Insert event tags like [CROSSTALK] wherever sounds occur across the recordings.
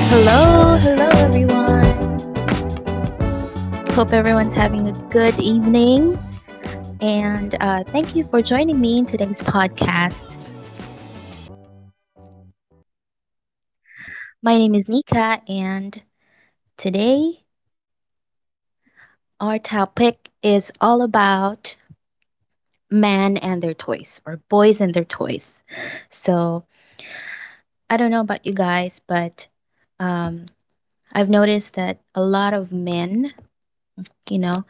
Hello, hello everyone. Hope everyone's having a good evening and thank you for joining me in today's podcast. My name is Nika and today our topic is all about men and their toys or boys and their toys. So I don't know about you guys, but um, I've noticed that a lot of men, you know,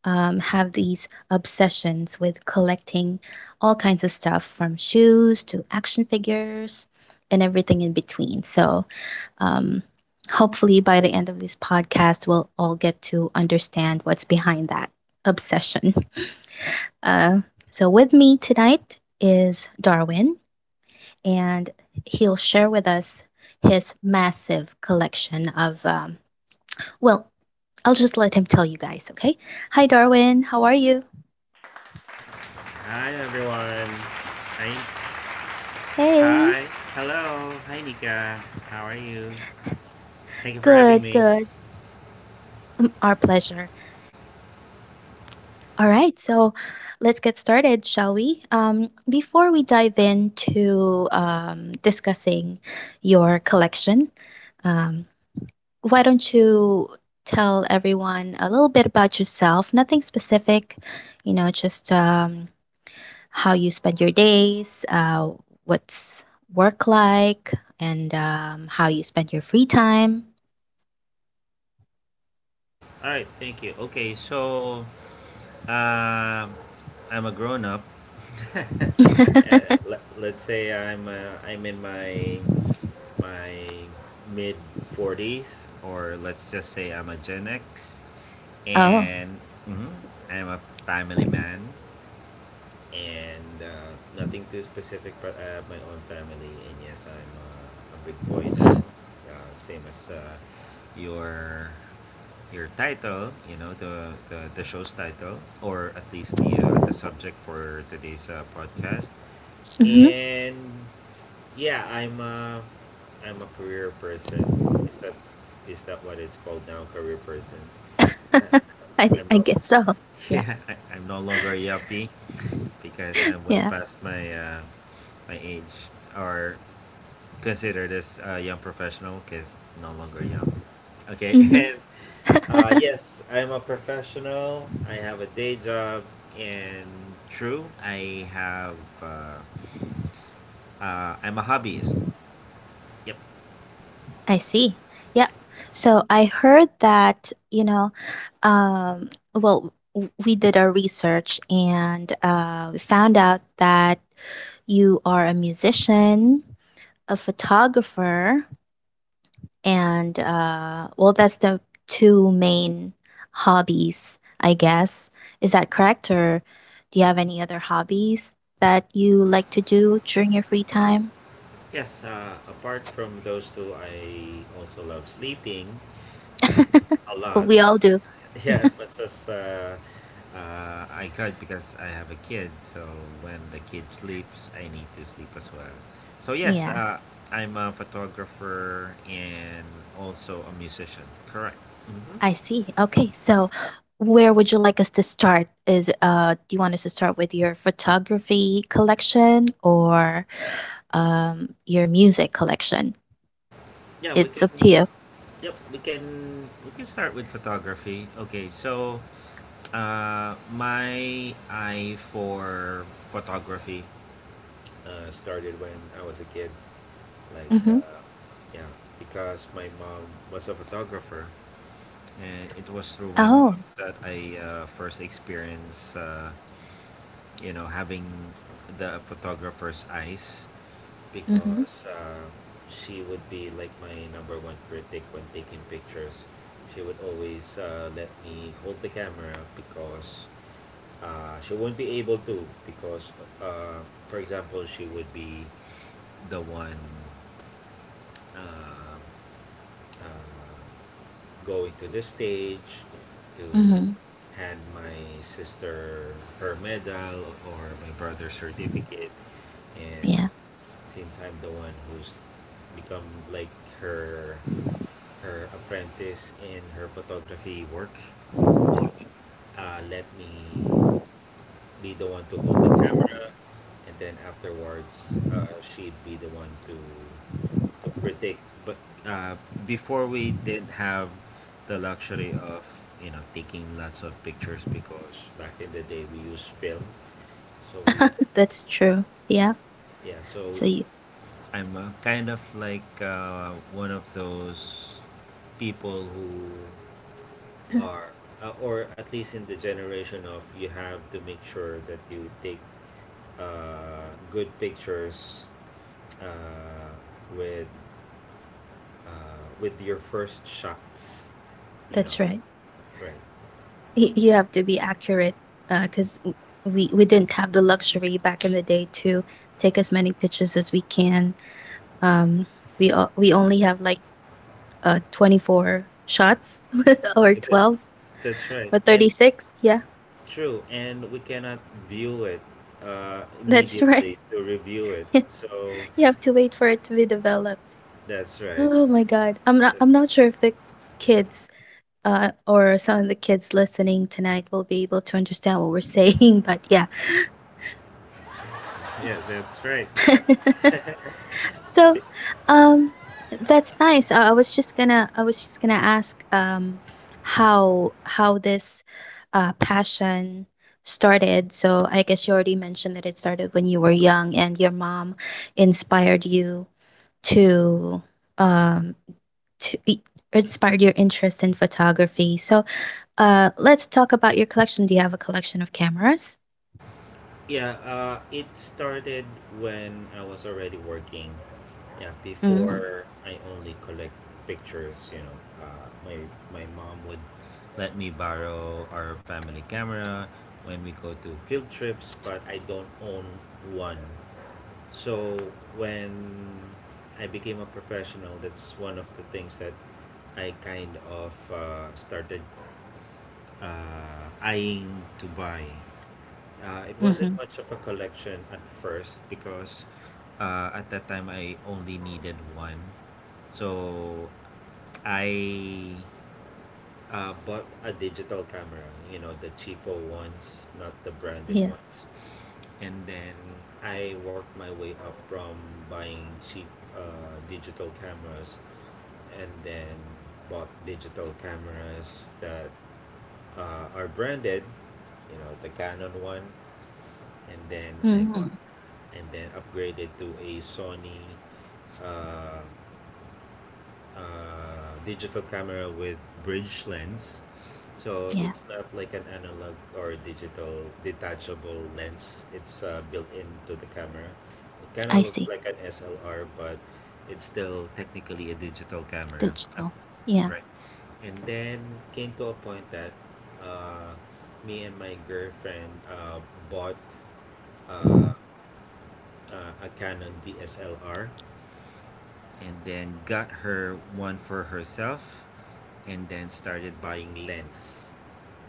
have these obsessions with collecting all kinds of stuff from shoes to action figures and everything in between. So, um, hopefully, by the end of this podcast, we'll all get to understand what's behind that obsession. Uh, so, with me tonight is Darwin, and he'll share with us his massive collection of, well, I'll just let him tell you guys, okay? Hi, Darwin. How are you? Hi everyone. Hi. Hi. Hey, Hello. Hi Nika. How are you? Thank you for having good, me. good. Mm, our pleasure. All right, so let's get started, shall we? Before we dive into discussing your collection, um, why don't you tell everyone a little bit about yourself? Nothing specific, just how you spend your days, what's work like, and how you spend your free time. All right, thank you. Okay, so um I'm a grown up. Uh, [LAUGHS] let's say I'm in my my mid 40s or let's just say I'm a Gen X Oh. and mhm, I'm a family man. And nothing too specific, but I have my own family, and yes, I'm a big boy now, same as your your title, you know, the show's title, or at least the subject for today's podcast, Mm-hmm. and yeah, I'm a career person. Is that is that what it's called now? Career person. [LAUGHS] [LAUGHS] I, I'm I not. [LAUGHS] guess so. Yeah. Yeah, I'm no longer a yuppie because I'm way Yeah. past my age or considered as a young professional because no longer young. Okay, [LAUGHS] Hmm. and [LAUGHS] yes, I'm a professional. I have a day job, and true, I have. Uh, I'm a hobbyist. Yep. I see. Yep. So I heard that, well, we did our research and we found out that you are a musician, a photographer, and well, that's the two main hobbies, I guess. Is that correct? Or do you have any other hobbies that you like to do during your free time? Yes, apart from those two, I also love sleeping, like a Well, lot. we all do. [LAUGHS] [LAUGHS] Yeah, as much as I could because I have a kid. So when the kid sleeps, I need to sleep as well. So yes, Yeah, I'm a photographer and also a musician. Correct. hmm I see. Okay, so where would you like us to start? Is Do you want us to start with your photography collection or your music collection? Yeah, we It's can. up to you. Yep, we can start with photography. Okay, so my eye for photography started when I was a kid. Like, Mm-hmm. uh, yeah, because my mom was a photographer, and it was through my mom Oh. that I first experienced, you know, having the photographer's eyes Mm-hmm. because she would be like my number one critic when taking pictures. She would always let me hold the camera because she won't be able to. Because, uh, for example, she would be the one uh, uh, going to the stage to Mm-hmm. hand my sister her medal or my brother's certificate. And Yeah, since I'm the one who's become like her her apprentice in her photography work, let me be the one to hold the camera, and then afterwards, she'd be the one to critique. But uh, before we didn't have the luxury of you know taking lots of pictures because back in the day we used film. So we [LAUGHS] that's true. Yeah. Yeah. So So you, I'm kind of like one of those people who are, or at least in the generation of you have to make sure that you take good pictures uh, with with your first shots. You know, that's right. right? You have to be accurate, because we didn't have the luxury back in the day to take as many pictures as we can. um we only have like 24 shots [LAUGHS] or That's, 12 that's right, or and 36, yeah, true. And we cannot view it that's right. immediately to review it. [LAUGHS] So You have to wait for it to be developed. that's right. Oh my god, i'm not So, i'm not sure if the kids, or some of the kids listening tonight, will be able to understand what we're [LAUGHS] saying, but yeah. yeah, that's right. [LAUGHS] So, um, that's nice. I was just gonna, ask, how this passion started. So I guess you already mentioned that it started when you were young, and your mom inspired you to, um, to i- inspired your interest in photography. So, let's talk about your collection. Do you have a collection of cameras? Yeah, it started when I was already working. Yeah, Mm-hmm. before I only collect pictures, you know, my mom would let me borrow our family camera when we go to field trips, but I don't own one. So when I became a professional, that's one of the things that I kind of started eyeing to buy. It wasn't Mm-hmm. much of a collection at first because at that time I only needed one. So I bought a digital camera, you know, the cheapo ones, not the branded Yeah. ones. And then I worked my way up from buying cheap digital cameras and then bought digital cameras that are branded, you know, the Canon one and then I bought Mm-hmm. and then upgraded to a Sony uh, digital camera with bridge lens. So Yeah. it's not like an analog or digital detachable lens. It's built into the camera. It kind of I looks see. like an SLR, but it's still technically a digital camera. Digital. Yeah. Right. And then came to a point that uh, me and my girlfriend bought uh, a Canon DSLR and then got her one for herself and then started buying lens.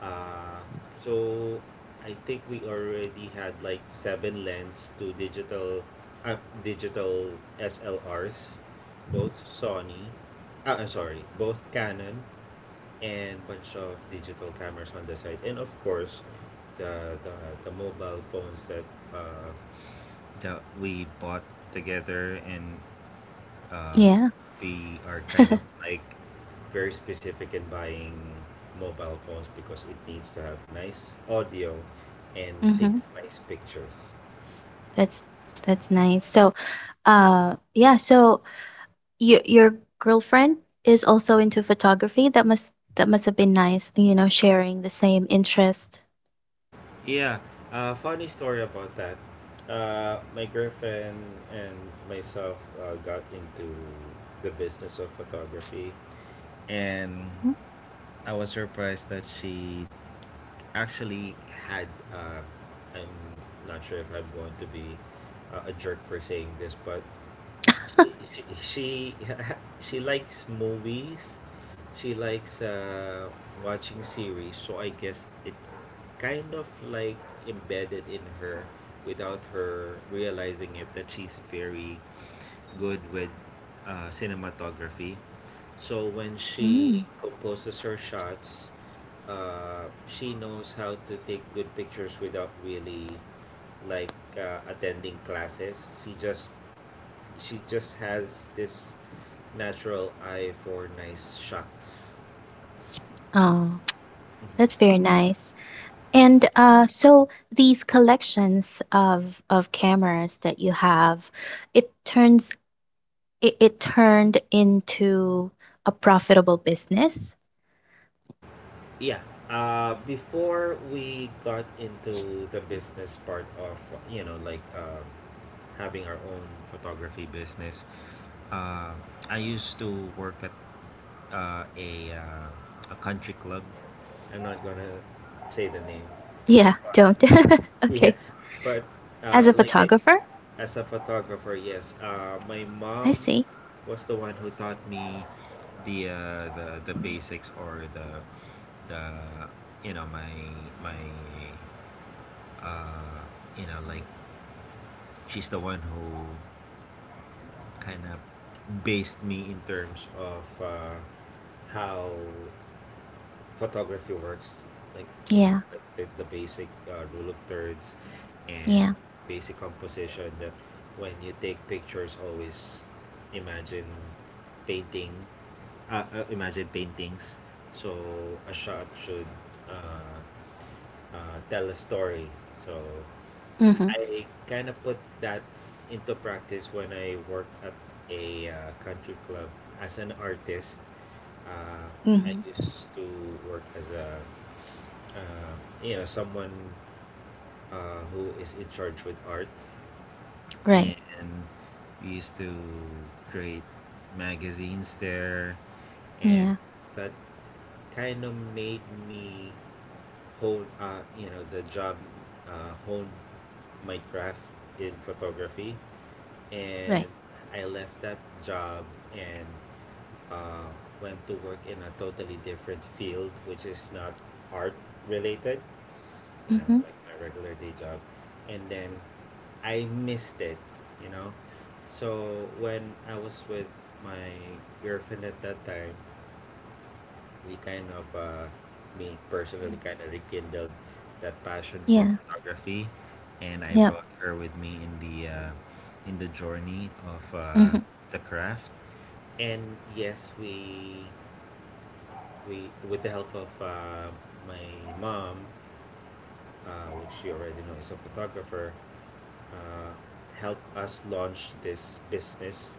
Uh, so I think we already had like seven lens to uh, digital SLRs, both Sony, ah, I'm sorry, both Canon and bunch of digital cameras on the side, and of course, the the, the mobile phones uh, that we bought together and uh, Yeah. we are kind of like very specific in buying mobile phones because it needs to have nice audio and Mhm. takes nice pictures. That's that's nice. So, yeah, so your girlfriend is also into photography. That must have been nice, you know, sharing the same interest. Yeah, funny story about that, my girlfriend and myself got into the business of photography and I was surprised that she actually had uh, I'm not sure if I'm going to be a jerk for saying this, but she she, [LAUGHS] she likes movies. She likes watching series, so I guess it kind of like embedded in her without her realizing it that she's very good with cinematography. So when Mm-hmm. she composes her shots, she knows how to take good pictures without really attending classes. She just has this natural eye for nice shots. Oh, that's very nice. And so these collections of cameras that you have, it turns it turned into a profitable business. Yeah. Before we got into the business part of you know like having our own photography business, Uh, I used to work at uh, a uh, a country club. I'm not gonna say the name. Yeah, But don't. [LAUGHS] [LAUGHS] yeah, Okay. but As a uh, like I, photographer? as a photographer, yes. My I mom see. was the one who taught me the basics or the you know my my uh, you know like she's the one who kind of based me in terms of how photography works like you know Yeah. like the basic rule of thirds and Yeah. basic composition that when you take pictures always imagine painting imagine paintings so a shot should uh, tell a story so Mhm. I kind of put that into practice when I worked at a country club as an artist. Uh, Mhm. I used to work as a uh, you know someone who is in charge with art, Right. and we used to create magazines there, and Yeah. that kind of made me hone you know the job hone my craft in photography Right. And I left that job and uh, went to work in a totally different field, which is not art related, you know, Mhm. like my regular day job. And then I missed it, you know. So when I was with my girlfriend at that time, we kind of me personally kind of rekindled that passion for Yeah. photography and I Yep. brought her with me in the journey of Mhm. the craft and yes we with the help of my mom, which you already know is a photographer, uh, help us launch this business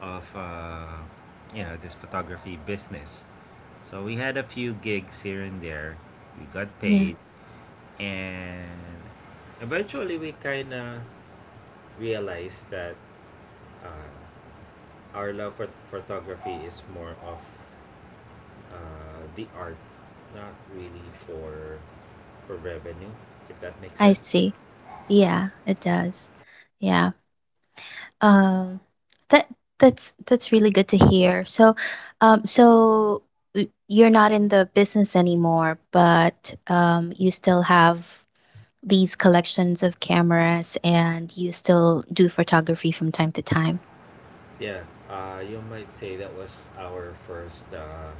of you know this photography business. So we had a few gigs here and there. We got Yeah. paid, and eventually we kind of realized that uh, our love for photography is more of the art, not really for revenue, if that makes I sense. see. Yeah, it does. Yeah. Um that that's really good to hear. So so you're not in the business anymore, but you still have these collections of cameras and you still do photography from time to time. Yeah, you might say that was our first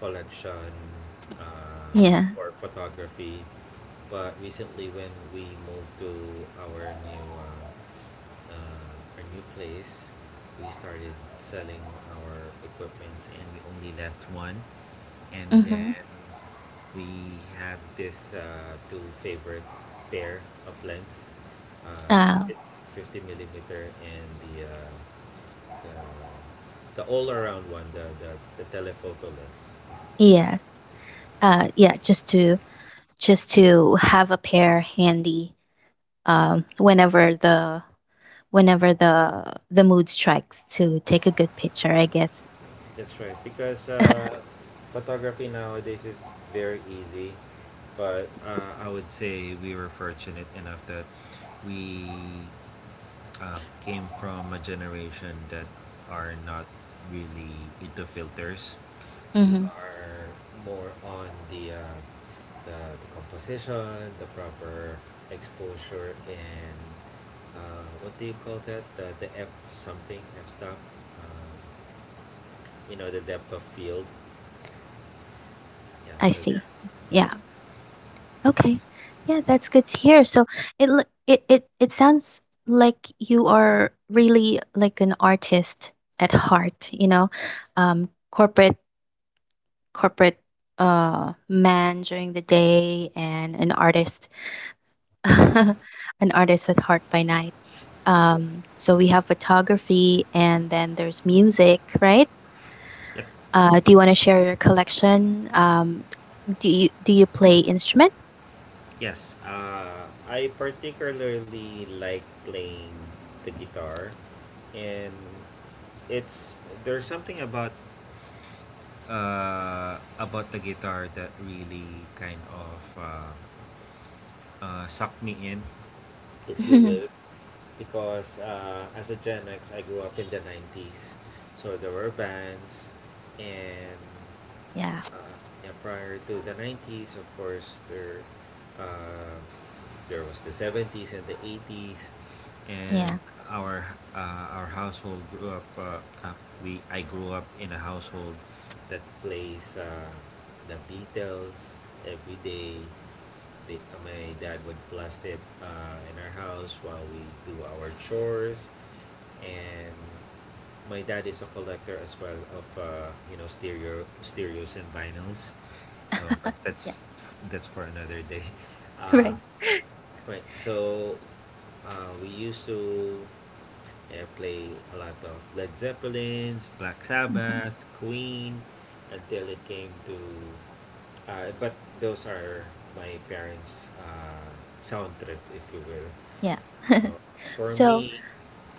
collection uh, Yeah. for photography. But recently, when we moved to our new uh, uh, our new place, we started selling our equipments, and we only left one. And Mhm. then we have this two favorite pair of lens, Uh uh, 50 mm and the all-around one, the telephoto lens. yes. Yeah, just to have a pair handy, whenever the, mood strikes to take a good picture, I guess. That's right. Because photography nowadays is very easy, but I would say we were fortunate enough that we came from a generation that are not really into filters. We Hmm. are more on the composition, the proper exposure, and what do you call that? The F something, F stop. Uh, you know, the depth of field. Yeah, I so there. see. Yeah. Okay. Yeah, that's good to hear. So it sounds like you are really like an artist at heart, you know. um, corporate corporate, man during the day and an artist, [LAUGHS] an artist at heart by night. Yes. So we Mhm. have photography and then there's music, right? Yep. Do you want to share your collection? Do you play instrument? Yes. I particularly like playing the guitar and it's there's something about the guitar that really sucked me in, if [LAUGHS] you Yeah, will, because as a Gen X, I grew up in the '90s, so there were bands, and uh, yeah, prior to the 90s, of course, uh, there was the 70s and the 80s, and yeah, our our household grew up. Uh, we I grew up in a household that plays the Beatles every day. My dad would blast it in our house while we do our chores, and my dad is a collector as well of you know stereos and vinyls so, but yeah, that's that's for another day. [LAUGHS] [LAUGHS] Uh, right. right. So, we used to play a lot of Led Zeppelins, Black Mhm. Sabbath, Queen, until it came to. But those are my parents' sound trip, if you will. Yeah. [LAUGHS] So for So, me,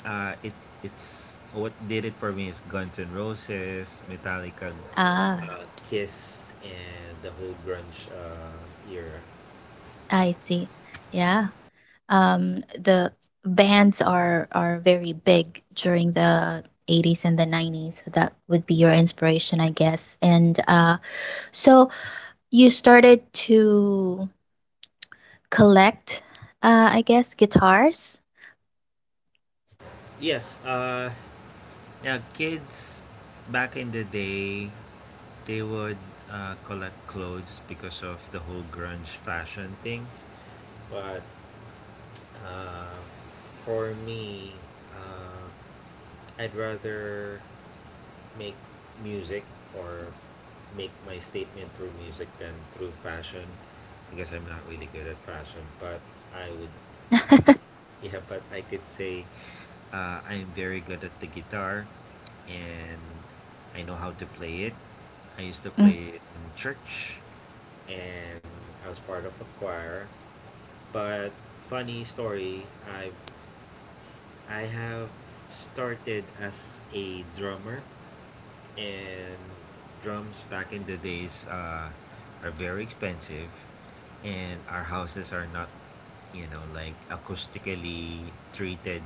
it it's what did it for me is Guns N' Roses, Metallica, ah, uh, Kiss, and the whole grunge era. I see. Yeah. The bands are very big during the 80s and the 90s. So that would be your inspiration, I guess. And so you started to collect, I guess, guitars? Yes, yeah, kids back in the day, they would collect clothes because of the whole grunge fashion thing. But uh, for me, uh, I'd rather make music or make my statement through music than through fashion because I'm not really good at fashion. But I would, I, [LAUGHS] yeah, but I could say I'm very good at the guitar, and I know how to play it. I used to Mm, play it in church, and I was part of a choir. But funny story, I have started as a drummer, and drums back in the days are very expensive, and our houses are not, you know, like acoustically treated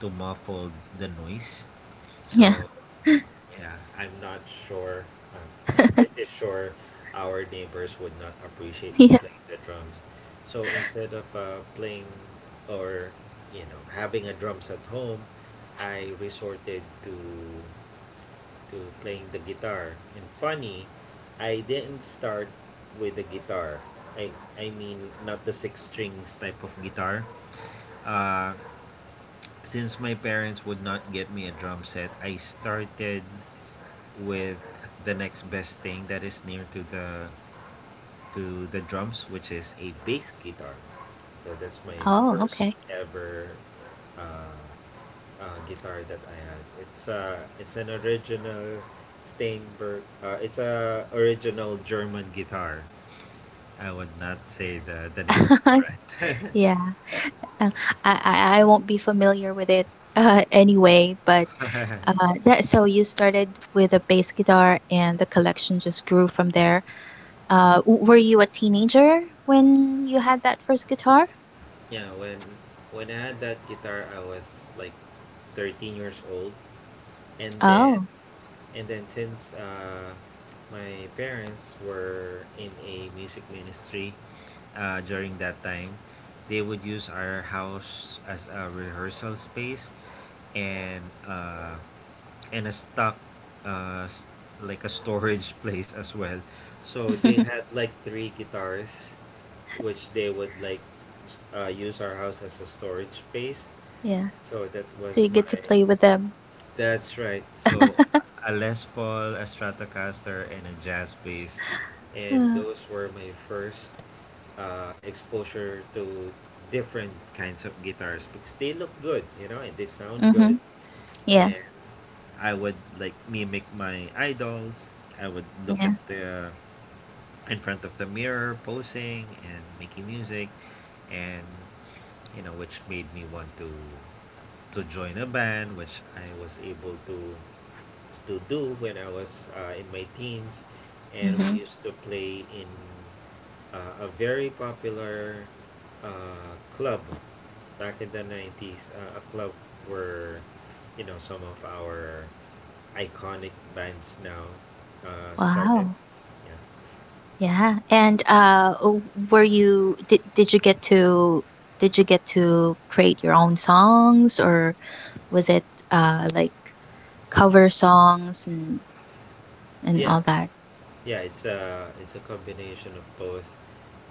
to muffle the noise. yeah. So yeah, i'm not sure i'm, I'm [LAUGHS] pretty sure our neighbors would not appreciate me Yeah. playing the drums. So instead of playing or, you know, having a drums at home, I resorted to playing the guitar. And funny, I didn't start with the guitar. I, I mean, not the six strings type of guitar. Uh, since my parents would not get me a drum set, I started with the next best thing that is near to the drums, which is a bass guitar. So that's my Oh, first okay. ever uh, guitar that I had. It's an original Steinberg. It's a original German guitar. I would not say the name of it [LAUGHS] right. Yeah. Uh, I won't be familiar with it, anyway, but, [LAUGHS] uh, that, so you started with a bass guitar and the collection just grew from there. W Were you a teenager when you had that first guitar? yeah, when I had that guitar, I was like 13 years old, and then Oh. and then since my parents were in a music ministry during that time, they would use our house as a rehearsal space, and and a stock uh, s- like a storage [LAUGHS] place as well. So they [LAUGHS] had like three guitars, which they would like use our house as a storage space. Yeah. So that So was you my. get to play with them. That's right. So a Les Paul, a Stratocaster, and a jazz bass, and Uh, those were my first exposure to different kinds of guitars because they look good, you know, and they sound good. mhm. Yeah. And I would like mimic my idols. I would look Yeah. at the in front of the mirror posing and making music, and, you know, which made me want to join a band, which I was able to do when I was in my teens, and we Mhm. used to play in a very popular club back in the 90s, a club where, you know, some of our iconic bands now started. Wow. Yeah, Yeah. And were you, did you get to create your own songs, or was it like cover songs and yeah, all that? yeah. It's a combination of both.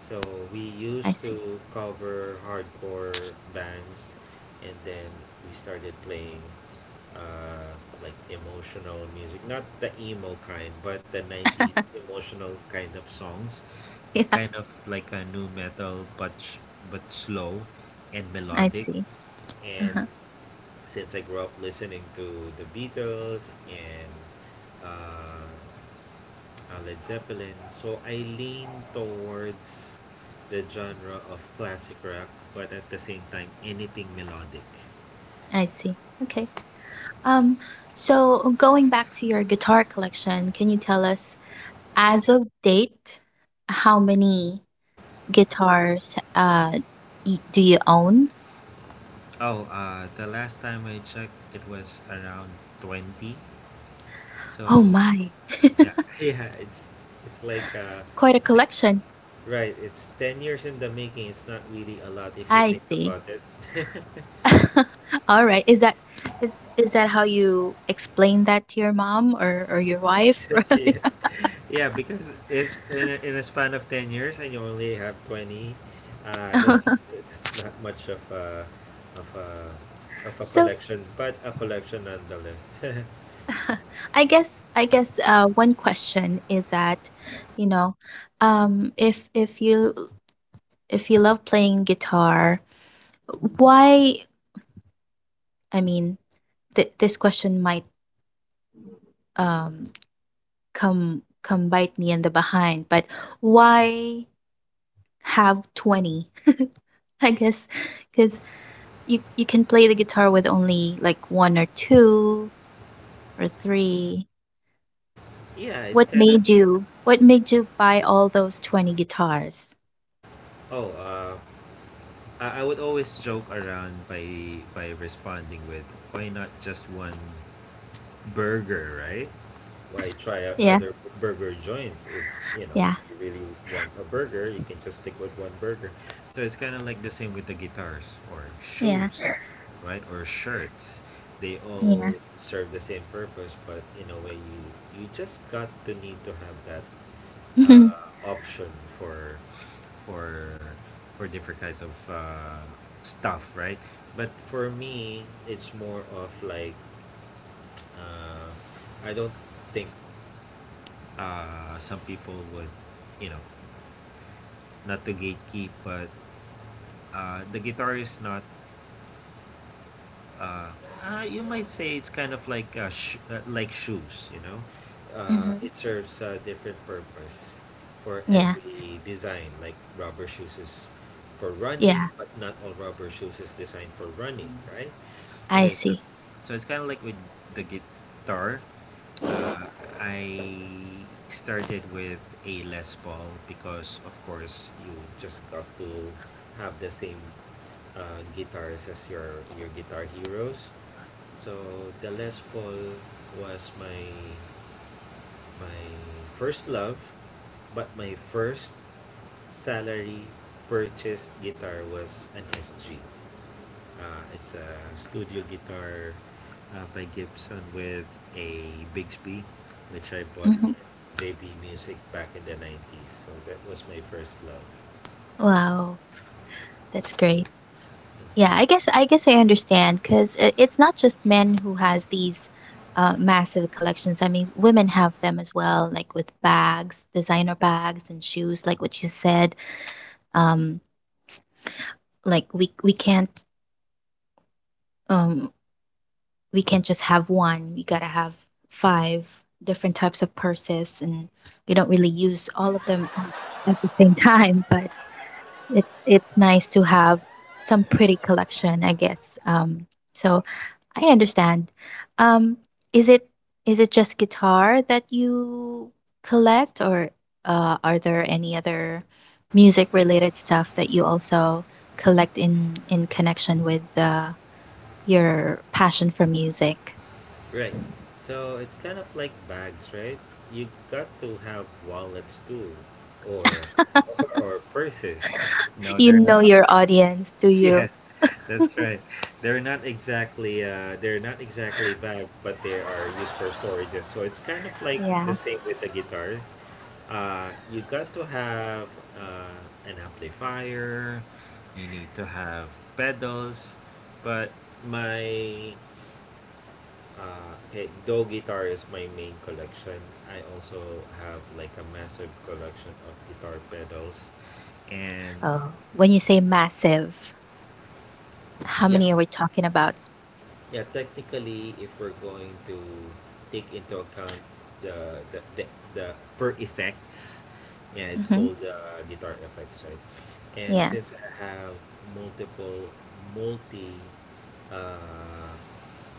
So we I used see. to [LAUGHS] cover hardcore bands, and then we started playing uh, like emotional music, not the emo kind, but the '90s emotional kind of songs. It Yeah, kind of like a new metal, but but slow and I melodic. see. And Uh-huh. since I grew up listening to the Beatles and uh, Led Zeppelin, so I lean towards the genre of classic rock, but at the same time, anything melodic. I see. Okay. Um so going back to your guitar collection, can you tell us, as of date, how many guitars do you own? Oh, the last time I checked, it was around 20. So Oh my, yeah, [LAUGHS] yeah, it's like uh, quite a it's like collection. right, it's 10 years in the making. It's not really a lot if you I think see. about it. [LAUGHS] All right. Is that how you explain that to your mom or your wife? [LAUGHS] yeah. Yeah, because if in a span of 10 years and you only have 20, uh, that's [LAUGHS] that's not much of of a a So, collection, but a collection nonetheless. [LAUGHS] I guess, I guess, one question is that, you know, um, if if you if you love playing guitar, why? I mean, this question might um come come bite me in the behind, but why have 20? [LAUGHS] I guess, because you can play the guitar with only, like, 1 or 2 or 3. [LAUGHS] yeah, it's kind of. What made you buy all those 20 guitars? Oh, I would always joke around by responding with, why not just one burger, right? Why try Yeah, other burger joints if, you know, if yeah, you really want a burger, you can just stick with one burger. So it's kind of like the same with the guitars or yeah, shoes, right? Or shirts. They all yeah. serve the same purpose, but in a way, you just got to need to have that [LAUGHS] Mhm, option for for for different kinds of stuff, right? But for me, it's more of like uh, I don't think some people would, you know, not to gatekeep, but the guitar is not. Uh, you might say it's kind of like like shoes, you know. Mhm. It serves a different purpose for Yeah, every design. Like rubber shoes is for running, yeah, but not all rubber shoes is designed for running, right? I Okay, so, see. so it's kind of like with the guitar. Uh, I started with a Les Paul because, of course, you just got to have the same guitars as your guitar heroes. So the Les Paul was my first love, but my first salary purchased guitar was an SG. It's a studio guitar by Gibson with a Bigsby, which I bought Mhm. at JB Music back in the 90s. So that was my first love. Wow, that's great. Yeah, I guess I understand, because it's not just men who has these massive collections. I mean, women have them as well, like with bags, designer bags and shoes, like what you said. Um, like we can't, um we can't just have one. We gotta have five different types of purses, and we don't really use all of them at the same [LAUGHS] time. But it's nice to have some pretty collection, I guess. So I understand. Um, is it is it just guitar that you collect, or are there any other music related stuff that you also collect in connection with your passion for music? Right. So it's kind of like bags, right? You got to have wallets too, or [LAUGHS] or or purses. No, You they're know not. [LAUGHS] your audience, do you? Yes, that's right. They're not exactly bags, but they are used for storages. So it's kind of like the Yeah. same with the guitar. You got to have an amplifier. You need to have pedals. But my okay, though guitar is my main collection, I also have like a massive collection of guitar pedals. And Oh, when you say massive, how yeah, many are we talking about? yeah, technically, if we're going to take into account the the the, the per effects, yeah, it's Hmm. called guitar effects, right? And Yeah. since I have multiple multi uh,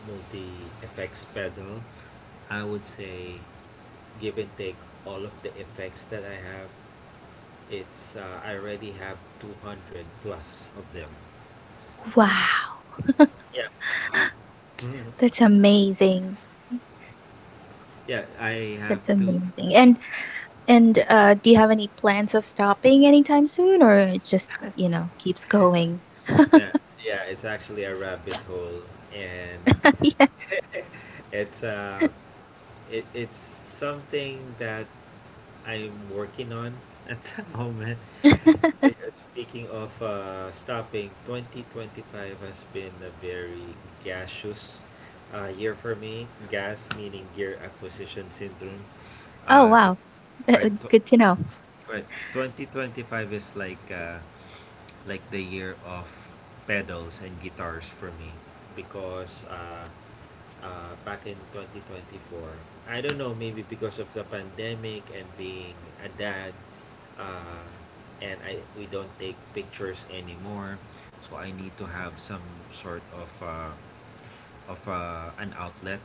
multi effects pedal, I would say, give and take all of the effects that I have. It's I already have 200 plus of them. Wow. Yeah. Mhm. That's amazing. Yeah, I That's have two. amazing. And, do you have any plans of stopping anytime soon, or it just, you know, keeps going? Yeah, yeah, it's actually a rabbit hole, and [LAUGHS] Yeah. it's it's something that I'm working on at the [LAUGHS] moment. But speaking of stopping, 2025 has been a very gaseous year for me. Gas meaning gear acquisition syndrome. Oh Uh, to, wow, right, good to know. right. 2025 is like the year of pedals and guitars for me because back in 2024. I don't know, maybe because of the pandemic and being a dad, uh, and I we don't take pictures anymore, so I need to have some sort of an outlet.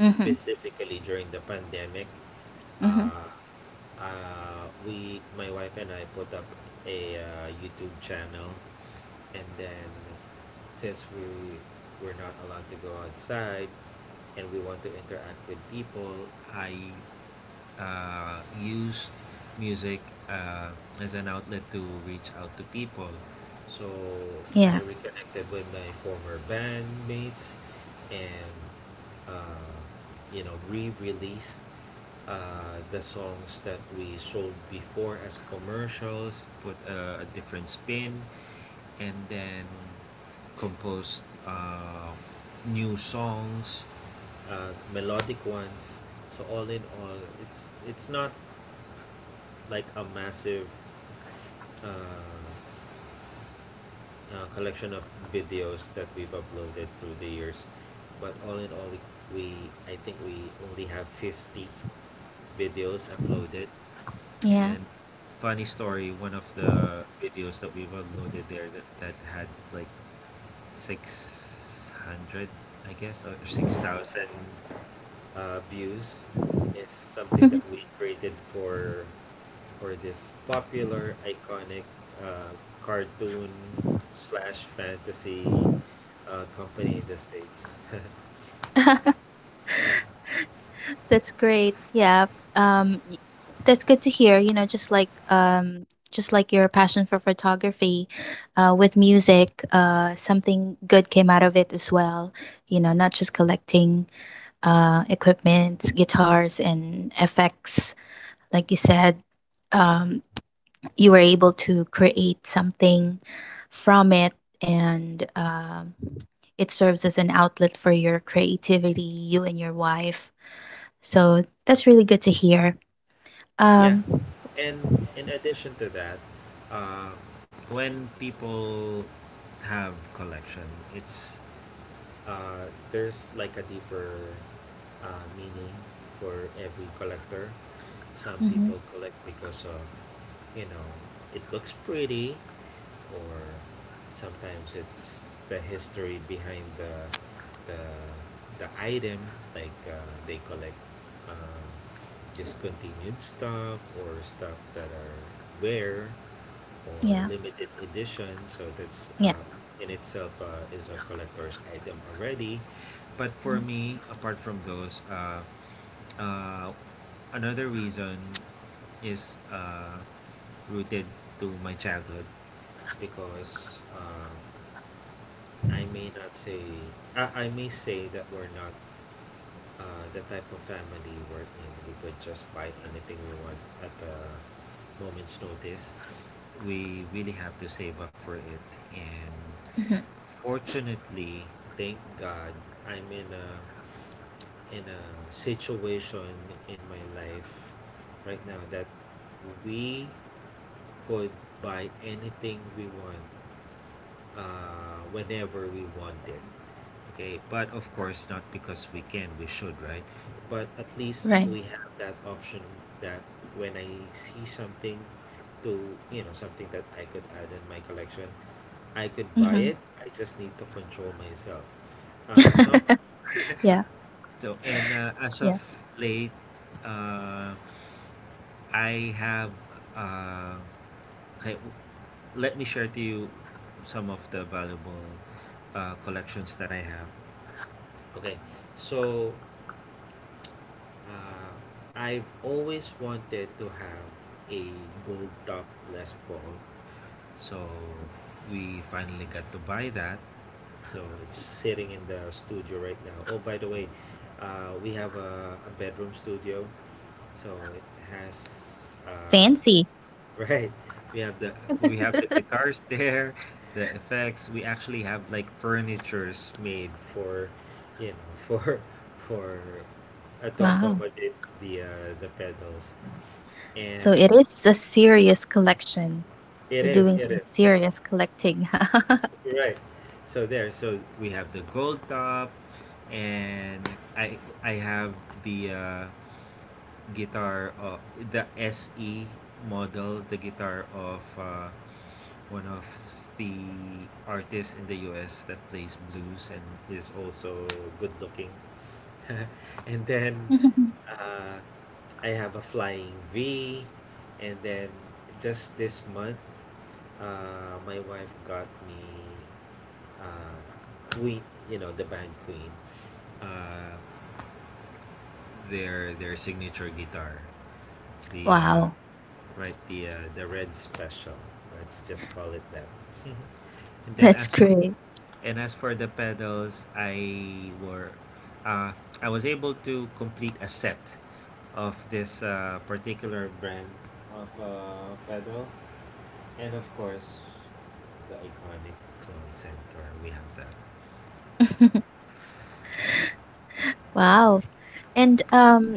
Mm-hmm. Specifically during the pandemic, Mm-hmm. uh, we my wife and I put up a YouTube channel, and then since we were not allowed to go outside and we want to interact with people, I used music uh, as an outlet to reach out to people. So Yeah. I reconnected with my former bandmates and uh, you know, re-released the songs that we sold before as commercials, put a different spin, and then composed new songs, melodic ones. So all in all, it's not like a massive uh, collection of videos that we've uploaded through the years, but all in all, we I think we only have 50 videos uploaded. Yeah. And funny story, one of the videos that we've uploaded there that had like 600, I guess, or 6,000 views is something that we created for this popular iconic uh, cartoon slash fantasy company in the states. [LAUGHS] [LAUGHS] That's great. Yeah. Um, y- that's good to hear. You know, just like, just like your passion for photography, with music, something good came out of it as well. You know, not just collecting equipments, guitars, and effects. Like you said, um, you were able to create something from it, and it serves as an outlet for your creativity, you and your wife. So that's really good to hear. yeah, Um, and in addition to that, uh, when people have collection, it's uh, there's like a deeper meaning for every collector. Some mhm, people collect because of, you know, it looks pretty, or sometimes it's the history behind the item. Like they collect um, discontinued stuff or stuff that are rare or yeah, limited edition. So that's yeah, in itself is a collector's item already. But for mhm, me, apart from those, uh, another reason is rooted to my childhood because um, I may not say I may say that we're not the type of family we're in. We could just buy anything we want at a moment's notice. We really have to save up for it. And mhm, fortunately, thank God, I'm in a situation in my life right now that we could buy anything we want whenever we want it. Okay, but of course, not because we can we should, right? But at right. least we have that option, that when I see something to, you know, something that I could add in my collection, I could Hmm. buy it. I just need to control myself. Some [LAUGHS] Yeah, So, and as of yeah. late, uh, I have uh, okay. w- Let me share to you some of the valuable collections that I have. Okay, so uh, I've always wanted to have a gold top Les Paul, so we finally got to buy that. So it's sitting in the studio right now. Oh, by the way, we have a bedroom studio, so it has Fancy. [LAUGHS] right. We have the we have the [LAUGHS] guitars there, the effects. We actually have like furnitures made for, you know, [LAUGHS] for to Wow. accommodate the pedals, So and it is a serious collection. You're doing it some is. serious collecting. [LAUGHS] Right. So there, so we have the gold top, and I I have the guitar, the SE model, the guitar of one of the artists in the U.S. that plays blues and is also good looking. [LAUGHS] And then uh, I have a flying V, and then just this month, my wife got me Queen, you know, the band Queen, uh, their signature guitar, the Wow, right the red special. Let's just call it that. [LAUGHS] and then that's as for great. and as for the pedals, uh, I was able to complete a set of this particular brand of pedal, and of course the iconic Clone Centaur. We have that. [LAUGHS] Wow. And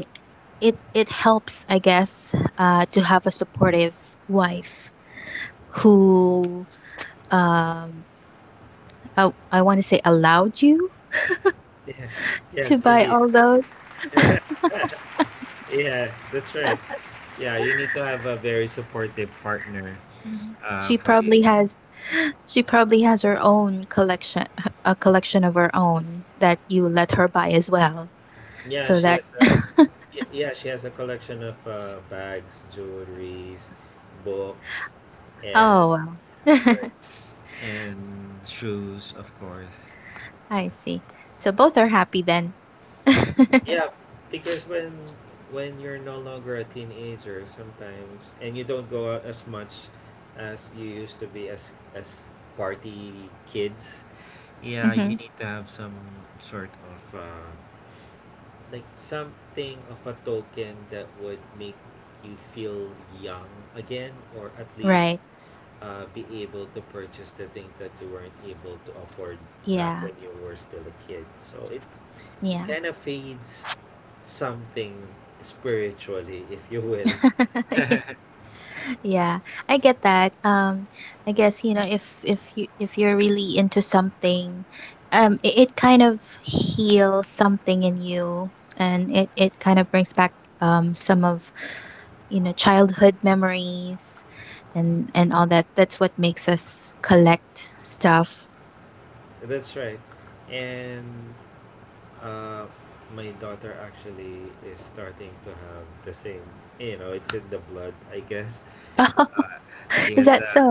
it helps, I guess, to have a supportive wife who, um I want to say, allowed you Yeah. Yes, to buy indeed. all those. Yeah, that's right. Yeah, you need to have a very supportive partner Mhm. She for probably the. has [GASPS] She probably has her own collection, a collection of her own that you let her buy as well, Yeah, so she that. has a. [LAUGHS] Yeah, she has a collection of bags, jewelries, books, and Oh, wow. [LAUGHS] right. And shoes, of course. I see. So both are happy then. [LAUGHS] Yeah, because when you're no longer a teenager sometimes and you don't go out as much as you used to be as party kids, yeah, you Hmm. need to have some sort of like something of a token that would make you feel young again, or at least Right. Be able to purchase the things that you weren't able to afford back Yeah. when you were still a kid. So it Yeah. kind of feeds something spiritually, if you will. [LAUGHS] Yeah. Yeah. I get that. I guess, you know, if you if you're really into something, it kind of heals something in you, and it kind of brings back, some of, you know, childhood memories, and all that. That's what makes us collect stuff. [LAUGHS] That's right. And uh, my daughter actually is starting to have the same. You know, it's in the blood, I guess. Oh, Uh, she is has that a, so?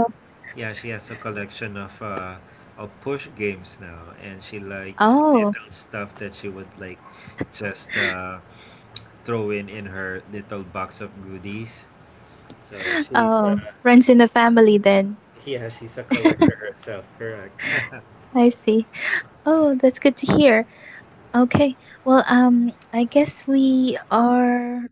yeah, she has a collection of push games now, and she likes Oh, little stuff that she would like just throw in her little box of goodies. So she's oh, runs in the family then. yeah, she's a [LAUGHS] collector herself, correct. [LAUGHS] I see. Oh, that's good to hear. Okay. Well, I guess we are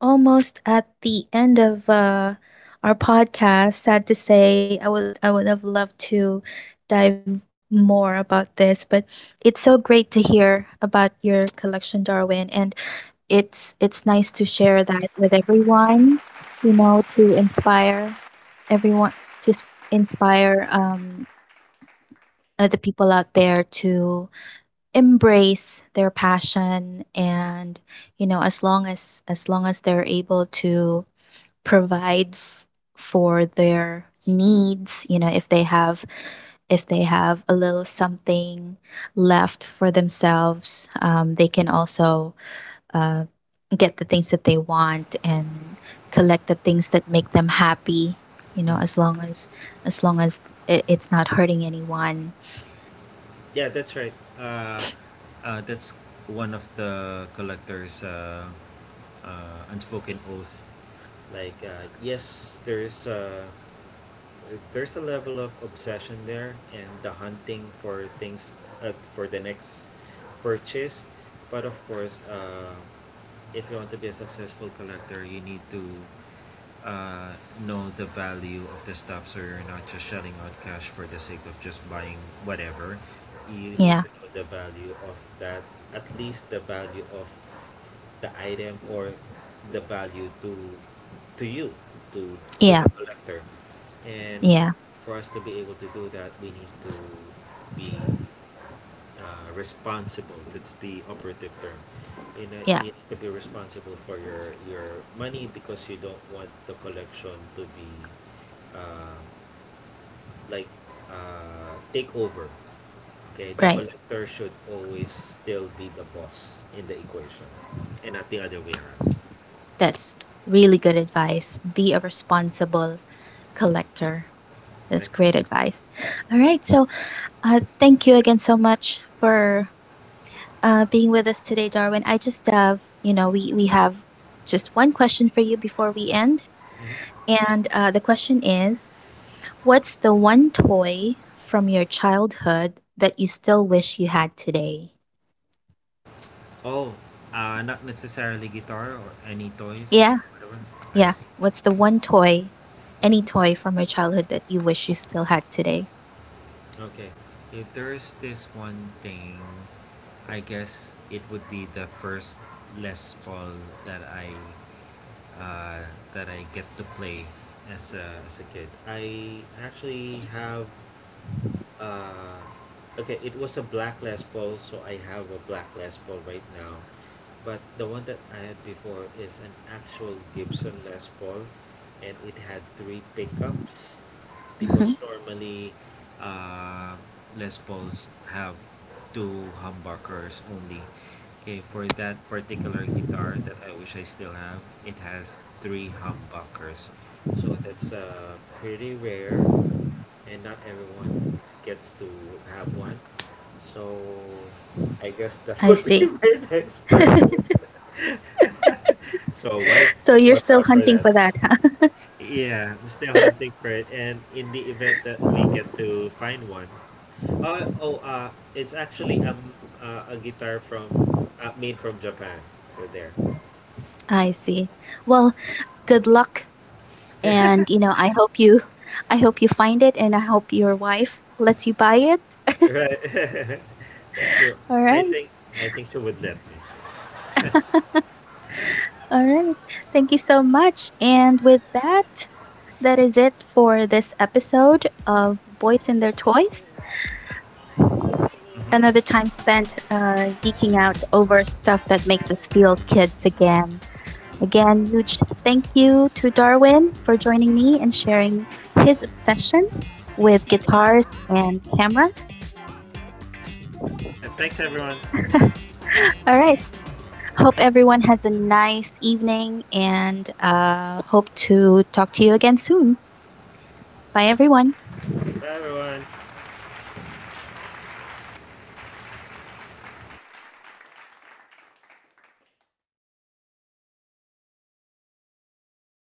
almost at the end of our podcast. Sad to say, I would have loved to dive more about this, but it's so great to hear about your collection, Darwin, and it's nice to share that with everyone, you know, to inspire everyone to inspire, the people out there, to embrace their passion, and, you know, as long as they're able to provide for their needs. You know, if they have, a little something left for themselves, they can also uh, get the things that they want and collect the things that make them happy, you know, Mm. as long as, as long as it's not hurting anyone. Yeah, that's right. Uh, that's one of the collector's unspoken oath. Like, yes, there is. There's a level of obsession there and the hunting for things, for the next purchase. But of course, if you want to be a successful collector, you need to uh, know the value of the stuff, so you're not just shelling out cash for the sake of just buying whatever. You need Yeah, to know the value of that, at least the value of the item or the value to you, to to yeah, the collector. And yeah, for us to be able to do that, we need to be responsible. That's the operative term. You know, yeah, you need to be responsible for your money, because you don't want the collection to be uh, like take over. Okay, the right. collector should always still be the boss in the equation, and not the other way around. That's really good advice. Be a responsible collector. Okay. That's great advice. All right, so thank you again so much for being with us today, Darwin. I just have, you know, we have just one question for you before we end, Mhm. and the question is, what's the one toy from your childhood that you still wish you had today? Oh, not necessarily guitar or any toys, Yeah, whatever. I yeah. see. What's the one toy, any toy from your childhood that you wish you still had today? Okay. If there's this one thing, I guess it would be the first Les Paul that I, uh, that I get to play as a kid. I actually have, uh, okay, it was a black Les Paul, so I have a black Les Paul right now. But the one that I had before is an actual Gibson Les Paul, and it had three pickups, because Hmm. normally uh, Les Pauls have two humbuckers only. Okay, for that particular guitar that I wish I still have, it has three humbuckers. So that's pretty rare, and not everyone gets to have one. So I guess I that would be see. [LAUGHS] my next purchase. So wife, watch So out you're still for hunting for that. that, huh? Yeah, I'm still hunting for it, and in the event that we get to find one, oh it's actually a guitar from, made from Japan. So there. [LAUGHS] I see. Well, good luck, [LAUGHS] and you know, I hope you find it, and I hope your wife lets you buy it. Right? [LAUGHS] That's true. All I right. think I think she would let me. All right. Thank you so much. And with that, that is it for this episode of Boys and Their Toys. Another Hmm. time spent geeking out over stuff that makes us feel kids again. Again, huge thank you to Darwin for joining me and sharing his obsession with guitars and cameras. Yeah, thanks everyone. All right. Hope everyone has a nice evening and, hope to talk to you again soon. Bye, everyone. Bye everyone.